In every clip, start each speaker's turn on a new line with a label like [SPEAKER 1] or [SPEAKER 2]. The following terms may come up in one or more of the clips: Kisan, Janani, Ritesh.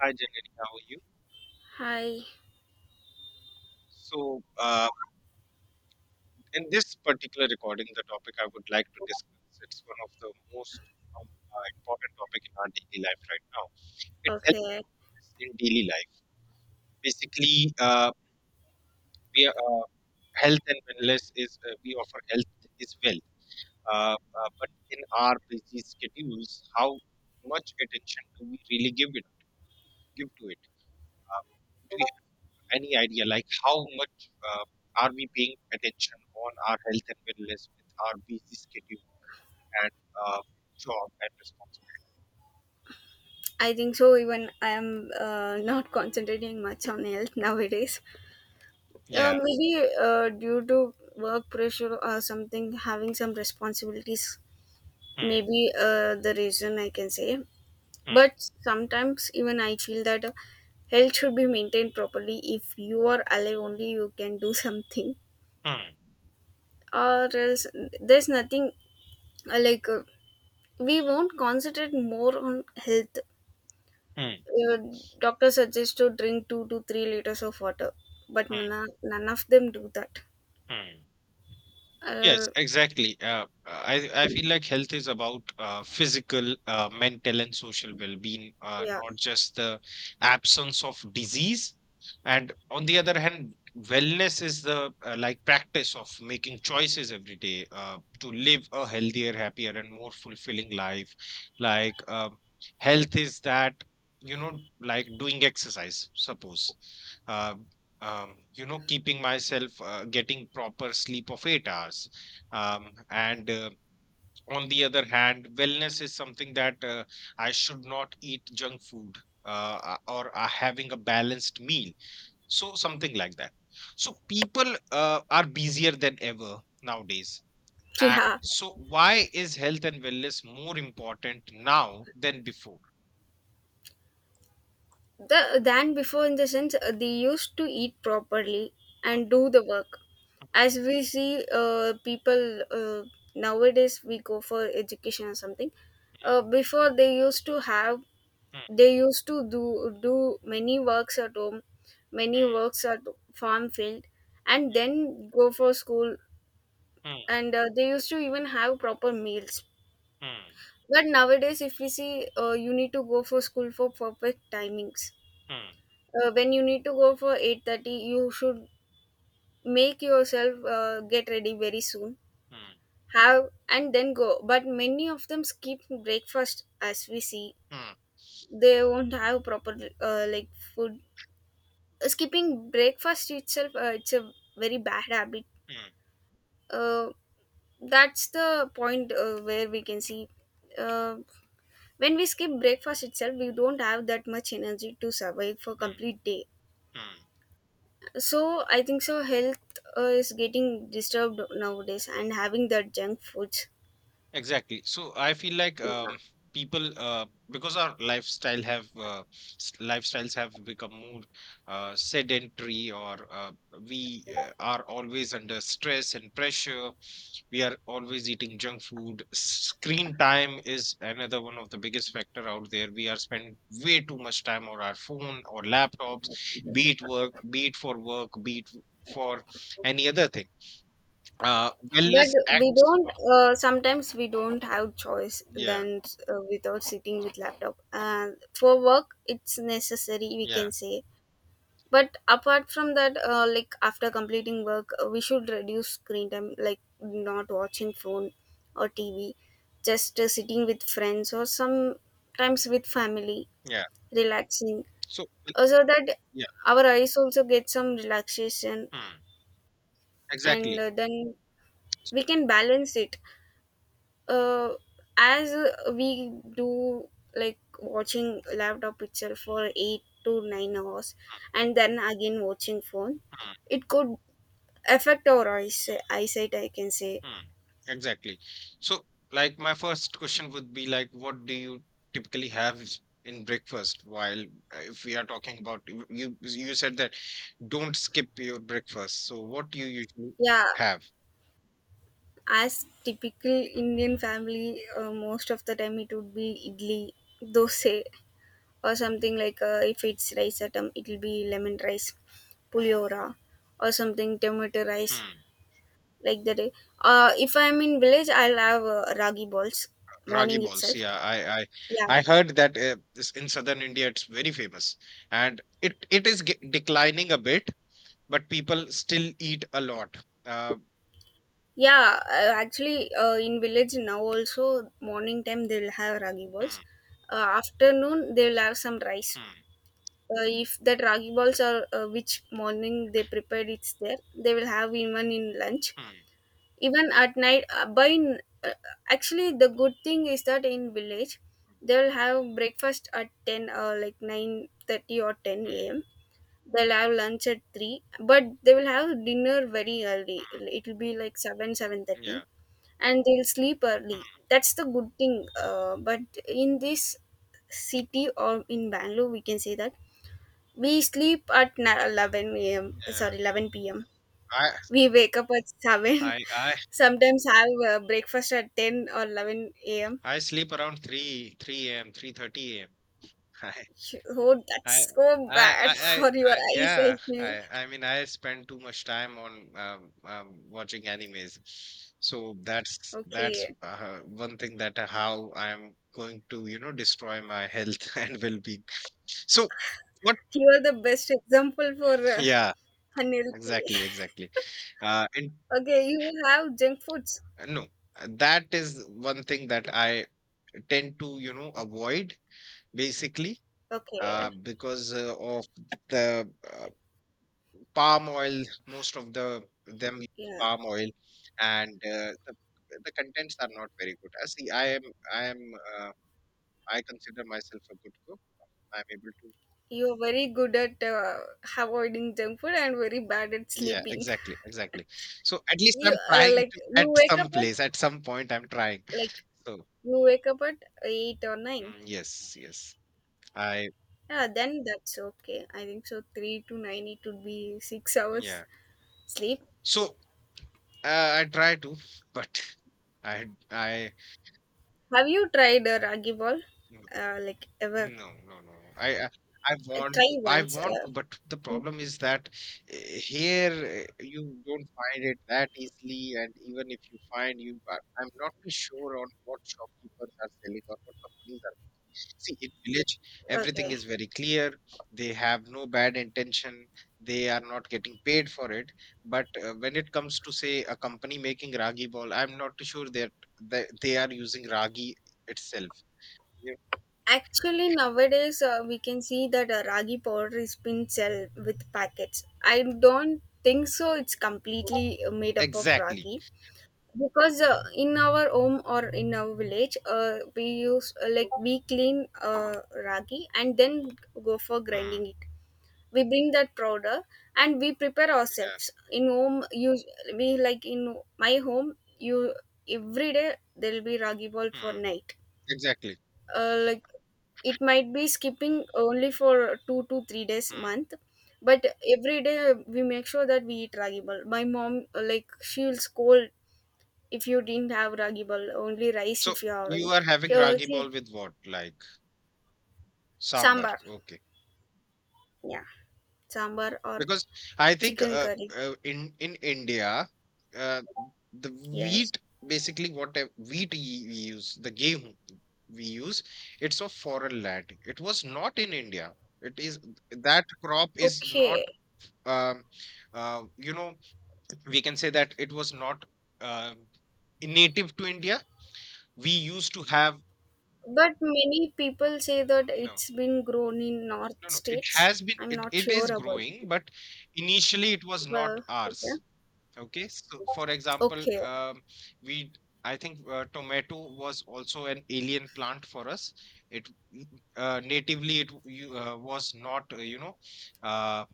[SPEAKER 1] Hi, Janani, how are you?
[SPEAKER 2] Hi.
[SPEAKER 1] So, uh, in this particular recording, the topic I would like to discuss, it's one of the most important topic in our daily life right now. It's
[SPEAKER 2] Okay.
[SPEAKER 1] health in daily life. Basically, uh, we are, uh, health and wellness is, we offer health is wealth. But in our busy schedules, how much attention do we really give it, give to it? Uh, do we? Any idea like how much uh, are we paying attention on our health and wellness with our busy schedule and uh, job and responsibility?
[SPEAKER 2] I think so. Even I am not concentrating much on health nowadays. Uh,
[SPEAKER 1] Yeah.
[SPEAKER 2] maybe uh, due to work pressure or something, having some responsibilities,
[SPEAKER 1] Mm,
[SPEAKER 2] maybe the reason I can say.
[SPEAKER 1] mm,
[SPEAKER 2] But sometimes even I feel that health should be maintained properly. If you are alive, only you can do something,
[SPEAKER 1] mm,
[SPEAKER 2] or else there's nothing uh, like. Uh, we won't concentrate more on health.
[SPEAKER 1] mm,
[SPEAKER 2] uh, Doctor suggests to drink 2 to 3 liters of water, but
[SPEAKER 1] mm,
[SPEAKER 2] none of them do that.
[SPEAKER 1] mm. Yes,
[SPEAKER 2] Uh,
[SPEAKER 1] exactly. I feel like health is about physical, mental, and social well-being,
[SPEAKER 2] yeah,
[SPEAKER 1] not just the absence of disease. And on the other hand, wellness is the like practice of making choices every day to live a healthier, happier, and more fulfilling life. Like health is that you know, like doing exercise. Suppose. Uh, you know, keeping myself, getting proper sleep of 8 hours, and on the other hand, wellness is something that I should not eat junk food or having a balanced meal. So, something like that. So, people are busier than ever nowadays. Uh,
[SPEAKER 2] yeah.
[SPEAKER 1] so, why is health and wellness more important now than before?
[SPEAKER 2] Than before, in the sense they used to eat properly and do the work. As we see, people nowadays we go for education or something. Before
[SPEAKER 1] Mm,
[SPEAKER 2] they used to do many works at home, many works at farm field, and then go for school,
[SPEAKER 1] mm,
[SPEAKER 2] and they used to even have proper meals.
[SPEAKER 1] mm, mm,
[SPEAKER 2] But nowadays if we see, you need to go for school for perfect timings.
[SPEAKER 1] mm,
[SPEAKER 2] When you need to go for 8:30, you should make yourself get ready very soon,
[SPEAKER 1] mm,
[SPEAKER 2] have and then go, but many of them skip breakfast as we see.
[SPEAKER 1] mm,
[SPEAKER 2] They won't have proper uh, like food. Skipping breakfast itself, it's a very bad habit.
[SPEAKER 1] mm, mm,
[SPEAKER 2] uh, that's the point where we can see, uh, when we skip breakfast itself we don't have that much energy to survive for
[SPEAKER 1] mm,
[SPEAKER 2] complete day.
[SPEAKER 1] mm.
[SPEAKER 2] So I think so health is getting disturbed nowadays and having that junk foods.
[SPEAKER 1] Exactly. So, I feel like
[SPEAKER 2] Yeah.
[SPEAKER 1] people because our lifestyles have become more sedentary, or we are always under stress and pressure. We are always eating junk food. Screen time is another one of the biggest factor out there. We are spending way too much time on our phone or laptops, be it for work, be it for any other thing.
[SPEAKER 2] But
[SPEAKER 1] Wellness
[SPEAKER 2] we
[SPEAKER 1] acts.
[SPEAKER 2] don't sometimes we don't have choice
[SPEAKER 1] Yeah.
[SPEAKER 2] than, without sitting with laptop for work it's necessary we
[SPEAKER 1] Yeah.
[SPEAKER 2] can say. But apart from that, after completing work, we should reduce screen time, like not watching phone or TV, just sitting with friends or sometimes with family
[SPEAKER 1] Yeah.
[SPEAKER 2] relaxing,
[SPEAKER 1] So, like,
[SPEAKER 2] so that
[SPEAKER 1] yeah,
[SPEAKER 2] our eyes also get some relaxation.
[SPEAKER 1] mm,
[SPEAKER 2] And
[SPEAKER 1] exactly.
[SPEAKER 2] then we can balance it, uh, as we do, like watching laptop itself for 8 to 9 hours and then again watching phone.
[SPEAKER 1] Mm,
[SPEAKER 2] It could affect our eyesight, I can say.
[SPEAKER 1] mm, exactly. So, like, my first question would be like, what do you typically have in breakfast? While If we are talking about you, you said that don't skip your breakfast. So, what do you usually
[SPEAKER 2] Yeah.
[SPEAKER 1] have?
[SPEAKER 2] As typical Indian family, most of the time it would be idli, dosa, or something like, if it's rice atom, it will be lemon rice, puliora, or something tomato rice
[SPEAKER 1] Mm,
[SPEAKER 2] like that. If I'm in village, I'll have ragi balls
[SPEAKER 1] ragi
[SPEAKER 2] morning
[SPEAKER 1] balls.
[SPEAKER 2] itself.
[SPEAKER 1] Yeah, I I
[SPEAKER 2] Yeah.
[SPEAKER 1] I heard that this in southern India it's very famous, and it is declining a bit, but people still eat a lot. Uh,
[SPEAKER 2] Yeah, actually, in village now also morning time they'll have ragi balls.
[SPEAKER 1] Mm,
[SPEAKER 2] Afternoon they'll have some rice.
[SPEAKER 1] mm,
[SPEAKER 2] If that ragi balls are, which morning they prepared, it's there they will have even in lunch,
[SPEAKER 1] mm,
[SPEAKER 2] even at night, actually the good thing is that in village
[SPEAKER 1] mm,
[SPEAKER 2] they will have breakfast at 10 or like 9:30 or 10
[SPEAKER 1] mm.
[SPEAKER 2] a.m. They'll have lunch at 3, but they will have dinner very early. It will be like 7, 7:30,
[SPEAKER 1] Yeah.
[SPEAKER 2] and they'll sleep early.
[SPEAKER 1] Mhm.
[SPEAKER 2] That's the good thing. But in this city or in Bangalore we can say that we sleep at 11 a.m.
[SPEAKER 1] Mm. Yeah.
[SPEAKER 2] Sorry, 11 p.m.
[SPEAKER 1] I
[SPEAKER 2] We wake up at 7.
[SPEAKER 1] I I
[SPEAKER 2] Sometimes have breakfast at 10 or 11 a.m.
[SPEAKER 1] I sleep around 3 AM, 3:30 a.m.
[SPEAKER 2] Oh,
[SPEAKER 1] I
[SPEAKER 2] that's so
[SPEAKER 1] I I
[SPEAKER 2] bad
[SPEAKER 1] I
[SPEAKER 2] for your
[SPEAKER 1] I
[SPEAKER 2] eyes,
[SPEAKER 1] Yeah. I
[SPEAKER 2] I.
[SPEAKER 1] I mean, I spend too much time on, watching animes. So that's,
[SPEAKER 2] Okay.
[SPEAKER 1] one thing that how I'm going to, you know, destroy my health and well-being. So what?
[SPEAKER 2] You are the best example for
[SPEAKER 1] Yeah.
[SPEAKER 2] unhealthy.
[SPEAKER 1] Exactly, exactly. And
[SPEAKER 2] Okay, you have junk foods.
[SPEAKER 1] no, That is one thing that I tend to, you know, avoid basically
[SPEAKER 2] Okay.
[SPEAKER 1] because of the palm oil. Most of the them use
[SPEAKER 2] Yeah.
[SPEAKER 1] palm oil, and the contents are not very good. I see I am I am uh, I consider myself a good cook. I'm able to
[SPEAKER 2] You are very good at avoiding junk food and very bad at
[SPEAKER 1] Yeah,
[SPEAKER 2] sleeping.
[SPEAKER 1] exactly, exactly. So at least
[SPEAKER 2] You
[SPEAKER 1] I'm
[SPEAKER 2] uh,
[SPEAKER 1] trying
[SPEAKER 2] like
[SPEAKER 1] to.
[SPEAKER 2] you
[SPEAKER 1] At
[SPEAKER 2] wake up
[SPEAKER 1] some
[SPEAKER 2] at
[SPEAKER 1] place, at some point, I'm trying.
[SPEAKER 2] like
[SPEAKER 1] so
[SPEAKER 2] You wake up at 8 or 9.
[SPEAKER 1] yes, yes. I
[SPEAKER 2] Yeah, then that's okay. I think so. 3 to 9, it would be 6 hours
[SPEAKER 1] Yeah.
[SPEAKER 2] sleep.
[SPEAKER 1] so I try to, but I I
[SPEAKER 2] Have you tried a ragi ball? Like, ever?
[SPEAKER 1] no, no, no. I want
[SPEAKER 2] Try
[SPEAKER 1] to, I
[SPEAKER 2] once.
[SPEAKER 1] want to, but the problem is that here you don't find it that easily, and even if you find, I'm not too sure on what shopkeepers are selling or what companies are. See, in village, everything
[SPEAKER 2] Okay.
[SPEAKER 1] is very clear. They have no bad intention. They are not getting paid for it. But when it comes to say a company making ragi ball, I'm not too sure that they are using ragi itself. Yeah.
[SPEAKER 2] Actually, nowadays we can see that ragi powder is being sold with packets. I don't think so it's completely made up of
[SPEAKER 1] Exactly.
[SPEAKER 2] ragi. Because in our home or in our village, we use, we clean ragi and then go for grinding
[SPEAKER 1] Mm,
[SPEAKER 2] it. We bring that powder and we prepare
[SPEAKER 1] yeah.
[SPEAKER 2] ourselves in home use. We like in my home you Every day there will be ragi ball for
[SPEAKER 1] Mm,
[SPEAKER 2] night.
[SPEAKER 1] exactly.
[SPEAKER 2] uh, like it might be skipping only for 2 to 3 days
[SPEAKER 1] Mm.
[SPEAKER 2] month, but every day we make sure that we eat ragi ball. My mom, she will scold if you didn't have ragi bowl, only rice
[SPEAKER 1] So
[SPEAKER 2] if you're
[SPEAKER 1] you
[SPEAKER 2] having.
[SPEAKER 1] are having
[SPEAKER 2] So
[SPEAKER 1] ragi
[SPEAKER 2] see,
[SPEAKER 1] ball with what? Like sambar.
[SPEAKER 2] sambar.
[SPEAKER 1] Okay.
[SPEAKER 2] Yeah, sambar or
[SPEAKER 1] Because I think
[SPEAKER 2] chicken curry.
[SPEAKER 1] in India, uh, the
[SPEAKER 2] Yes.
[SPEAKER 1] wheat basically wheat we use, the game we use, it's of foreign land. It was not in India. It is that crop is not.
[SPEAKER 2] Okay.
[SPEAKER 1] Um, you know, we can say that it was not um native to India. We used to have.
[SPEAKER 2] But many people say that
[SPEAKER 1] No.
[SPEAKER 2] it's been grown in north
[SPEAKER 1] No, no, it
[SPEAKER 2] states.
[SPEAKER 1] has been,
[SPEAKER 2] I'm
[SPEAKER 1] it,
[SPEAKER 2] not
[SPEAKER 1] it is
[SPEAKER 2] sure about it.
[SPEAKER 1] growing, but initially it was not
[SPEAKER 2] Well, okay.
[SPEAKER 1] ours. Okay, so for example,
[SPEAKER 2] Okay.
[SPEAKER 1] we I think tomato was also an alien plant for us. It mm, Natively it was not uh,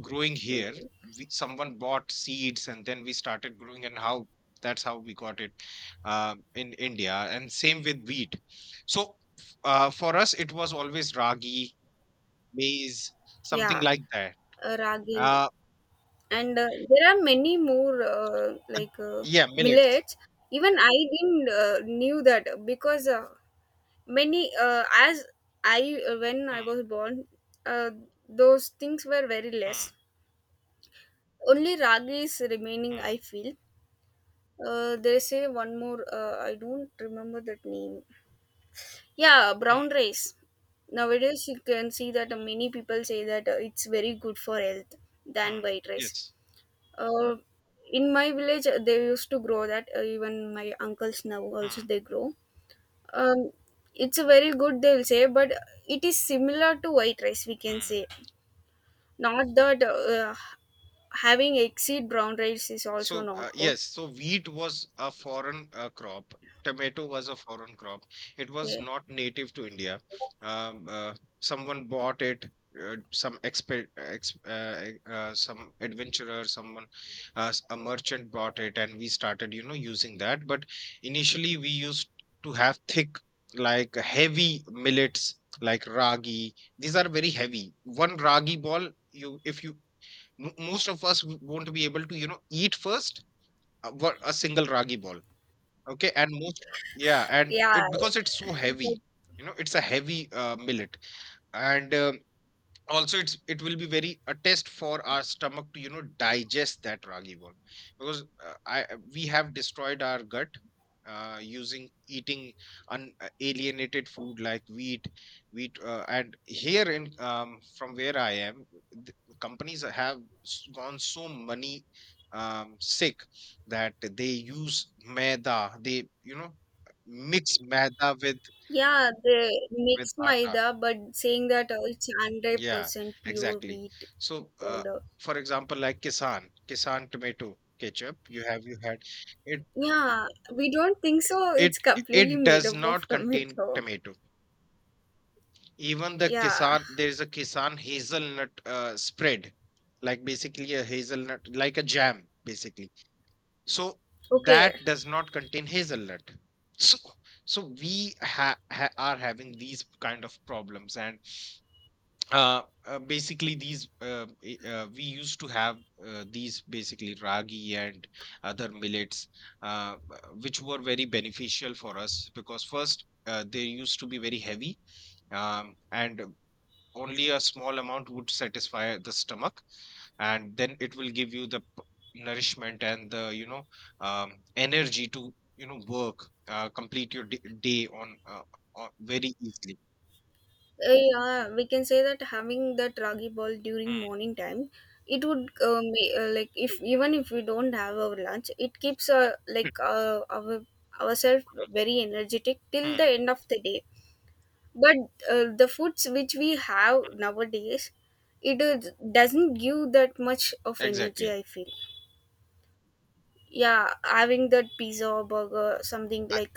[SPEAKER 1] growing here. We, someone bought seeds and then we started growing, and how that's how we got it in India. And same with wheat. So, for us, it was always ragi, maize, something
[SPEAKER 2] Yeah.
[SPEAKER 1] like that.
[SPEAKER 2] Ragi.
[SPEAKER 1] Uh,
[SPEAKER 2] And there are many more, uh,
[SPEAKER 1] but
[SPEAKER 2] like uh,
[SPEAKER 1] Yeah, millets.
[SPEAKER 2] millets. Even I didn't knew that because many as I when I
[SPEAKER 1] Mm,
[SPEAKER 2] was born, uh, those things were very less.
[SPEAKER 1] mm,
[SPEAKER 2] Only ragi is remaining, I
[SPEAKER 1] mm,
[SPEAKER 2] feel. They say one more, I don't remember that name. Yeah,
[SPEAKER 1] mm,
[SPEAKER 2] brown rice. Nowadays you can see that many people say that it's very good for health than
[SPEAKER 1] mm.
[SPEAKER 2] white rice.
[SPEAKER 1] Yes.
[SPEAKER 2] uh, in my village, they used to grow that, even my uncles now also
[SPEAKER 1] Mm,
[SPEAKER 2] they grow. um it's a very good they'll say, but it is similar to white rice we can
[SPEAKER 1] mm.
[SPEAKER 2] say. Not that having exceed brown rice is also
[SPEAKER 1] So,
[SPEAKER 2] not good.
[SPEAKER 1] yes, so wheat was a foreign crop. Tomato was a foreign crop. It was
[SPEAKER 2] Yeah.
[SPEAKER 1] not native to India. Um, uh, Someone bought it. Some exp ex e, Some adventurer, someone, a merchant bought it, and we started, you know, using that. But initially, we used to have thick, like heavy millets, like ragi. These are very heavy. One ragi ball, you, if you most of us won't be able to, you know, eat first what a single ragi ball. Okay, and most, yeah, and
[SPEAKER 2] Yeah,
[SPEAKER 1] it because it's so
[SPEAKER 2] but-
[SPEAKER 1] heavy. You know, it's a heavy millet, and also it will be very a test for our stomach to you know digest that ragi ball, because I we have destroyed our gut using eating unalienated food like wheat. And here in from where I am, the companies have gone so many sick that they use maida. They, you know, mix maida with
[SPEAKER 2] yeah, they mix
[SPEAKER 1] atta.
[SPEAKER 2] maida but saying that it's
[SPEAKER 1] Yeah,
[SPEAKER 2] 100% pure
[SPEAKER 1] exactly.
[SPEAKER 2] wheat
[SPEAKER 1] So,
[SPEAKER 2] powder.
[SPEAKER 1] for example, like Kisan, Kisan tomato ketchup, you had it
[SPEAKER 2] Yeah, we don't think so
[SPEAKER 1] it
[SPEAKER 2] it's completely
[SPEAKER 1] it
[SPEAKER 2] made
[SPEAKER 1] does
[SPEAKER 2] up of
[SPEAKER 1] not contain
[SPEAKER 2] tomato.
[SPEAKER 1] tomato. Even the
[SPEAKER 2] Yeah.
[SPEAKER 1] Kisan, there is a Kisan hazelnut spread, like basically a hazelnut, like a jam, basically. So
[SPEAKER 2] Okay.
[SPEAKER 1] that does not contain hazelnut. So, so we ha, ha are having these kind of problems, and we used to have these basically ragi and other millets, which were very beneficial for us because first they used to be very heavy, and only a small amount would satisfy the stomach, and then it will give you the nourishment and the you know energy to you know work, complete your day on very easily.
[SPEAKER 2] Yeah, we can say that having that ragi ball during
[SPEAKER 1] Mm.
[SPEAKER 2] morning time, it would be, if even if we don't have our lunch, it keeps, ourselves very energetic till the
[SPEAKER 1] Mm.
[SPEAKER 2] end of the day. But the foods which we have nowadays, it is, doesn't give that much of energy,
[SPEAKER 1] Exactly.
[SPEAKER 2] I feel. Yeah, having that pizza or burger something like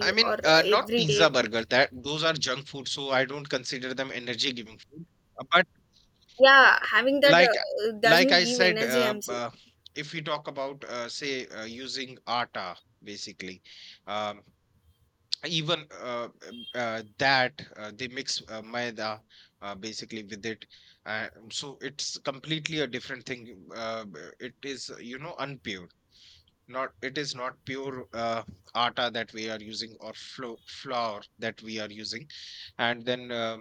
[SPEAKER 1] I mean,
[SPEAKER 2] or
[SPEAKER 1] not
[SPEAKER 2] every day.
[SPEAKER 1] pizza, burger, that those are junk food, so I don't consider them energy-giving food. But
[SPEAKER 2] Yeah, having that
[SPEAKER 1] like like
[SPEAKER 2] doesn't
[SPEAKER 1] I
[SPEAKER 2] give
[SPEAKER 1] said,
[SPEAKER 2] energy, I'm saying.
[SPEAKER 1] if we talk about say using atta, basically, um, even that they mix maida basically with it, so it's completely a different thing. It is you know unpure, not it is not pure atta that we are using, or flour that we are using, and then uh,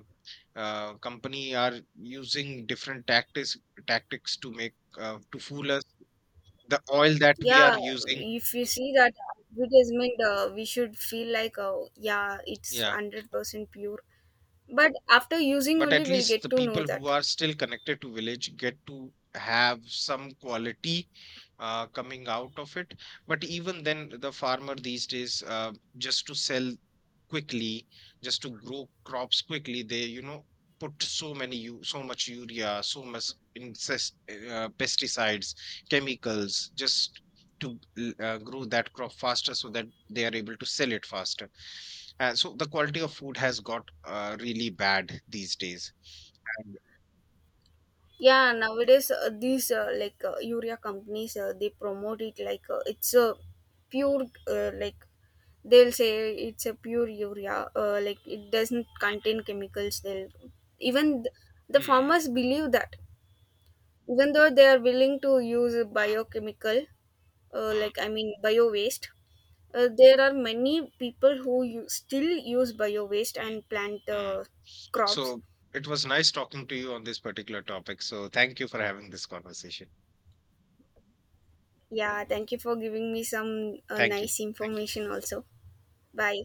[SPEAKER 1] uh, company are using different tactics, to make to fool us. The oil that we are
[SPEAKER 2] Yeah,
[SPEAKER 1] using,
[SPEAKER 2] if you see that advertisement, we should feel like, oh, yeah, it's
[SPEAKER 1] yeah,
[SPEAKER 2] 100% pure. But after using
[SPEAKER 1] but
[SPEAKER 2] only,
[SPEAKER 1] at
[SPEAKER 2] we'll
[SPEAKER 1] least
[SPEAKER 2] get
[SPEAKER 1] the
[SPEAKER 2] to know
[SPEAKER 1] people who
[SPEAKER 2] that.
[SPEAKER 1] are still connected to village get to have some quality coming out of it. But even then the farmer these days just to sell quickly, just to grow crops quickly, they you know put so many so much urea, so much incest, pesticides, chemicals, just to grow that crop faster so that they are able to sell it faster. So the quality of food has got really bad these days. And
[SPEAKER 2] Yeah, nowadays, these, like urea companies, they promote it like it's a pure, uh, like they'll say it's a pure urea, it doesn't contain chemicals. They'll even the
[SPEAKER 1] Mm,
[SPEAKER 2] farmers believe that, even though they are willing to use
[SPEAKER 1] mm,
[SPEAKER 2] biochemical,
[SPEAKER 1] mm,
[SPEAKER 2] I mean, bio waste. There are many people who still use bio waste
[SPEAKER 1] mm,
[SPEAKER 2] and plant
[SPEAKER 1] mm.
[SPEAKER 2] crops.
[SPEAKER 1] so it was nice talking to you on this particular topic. So thank you for having this conversation.
[SPEAKER 2] Yeah, thank you for giving me some
[SPEAKER 1] Thank you.
[SPEAKER 2] nice
[SPEAKER 1] Thank you.
[SPEAKER 2] information also. Bye.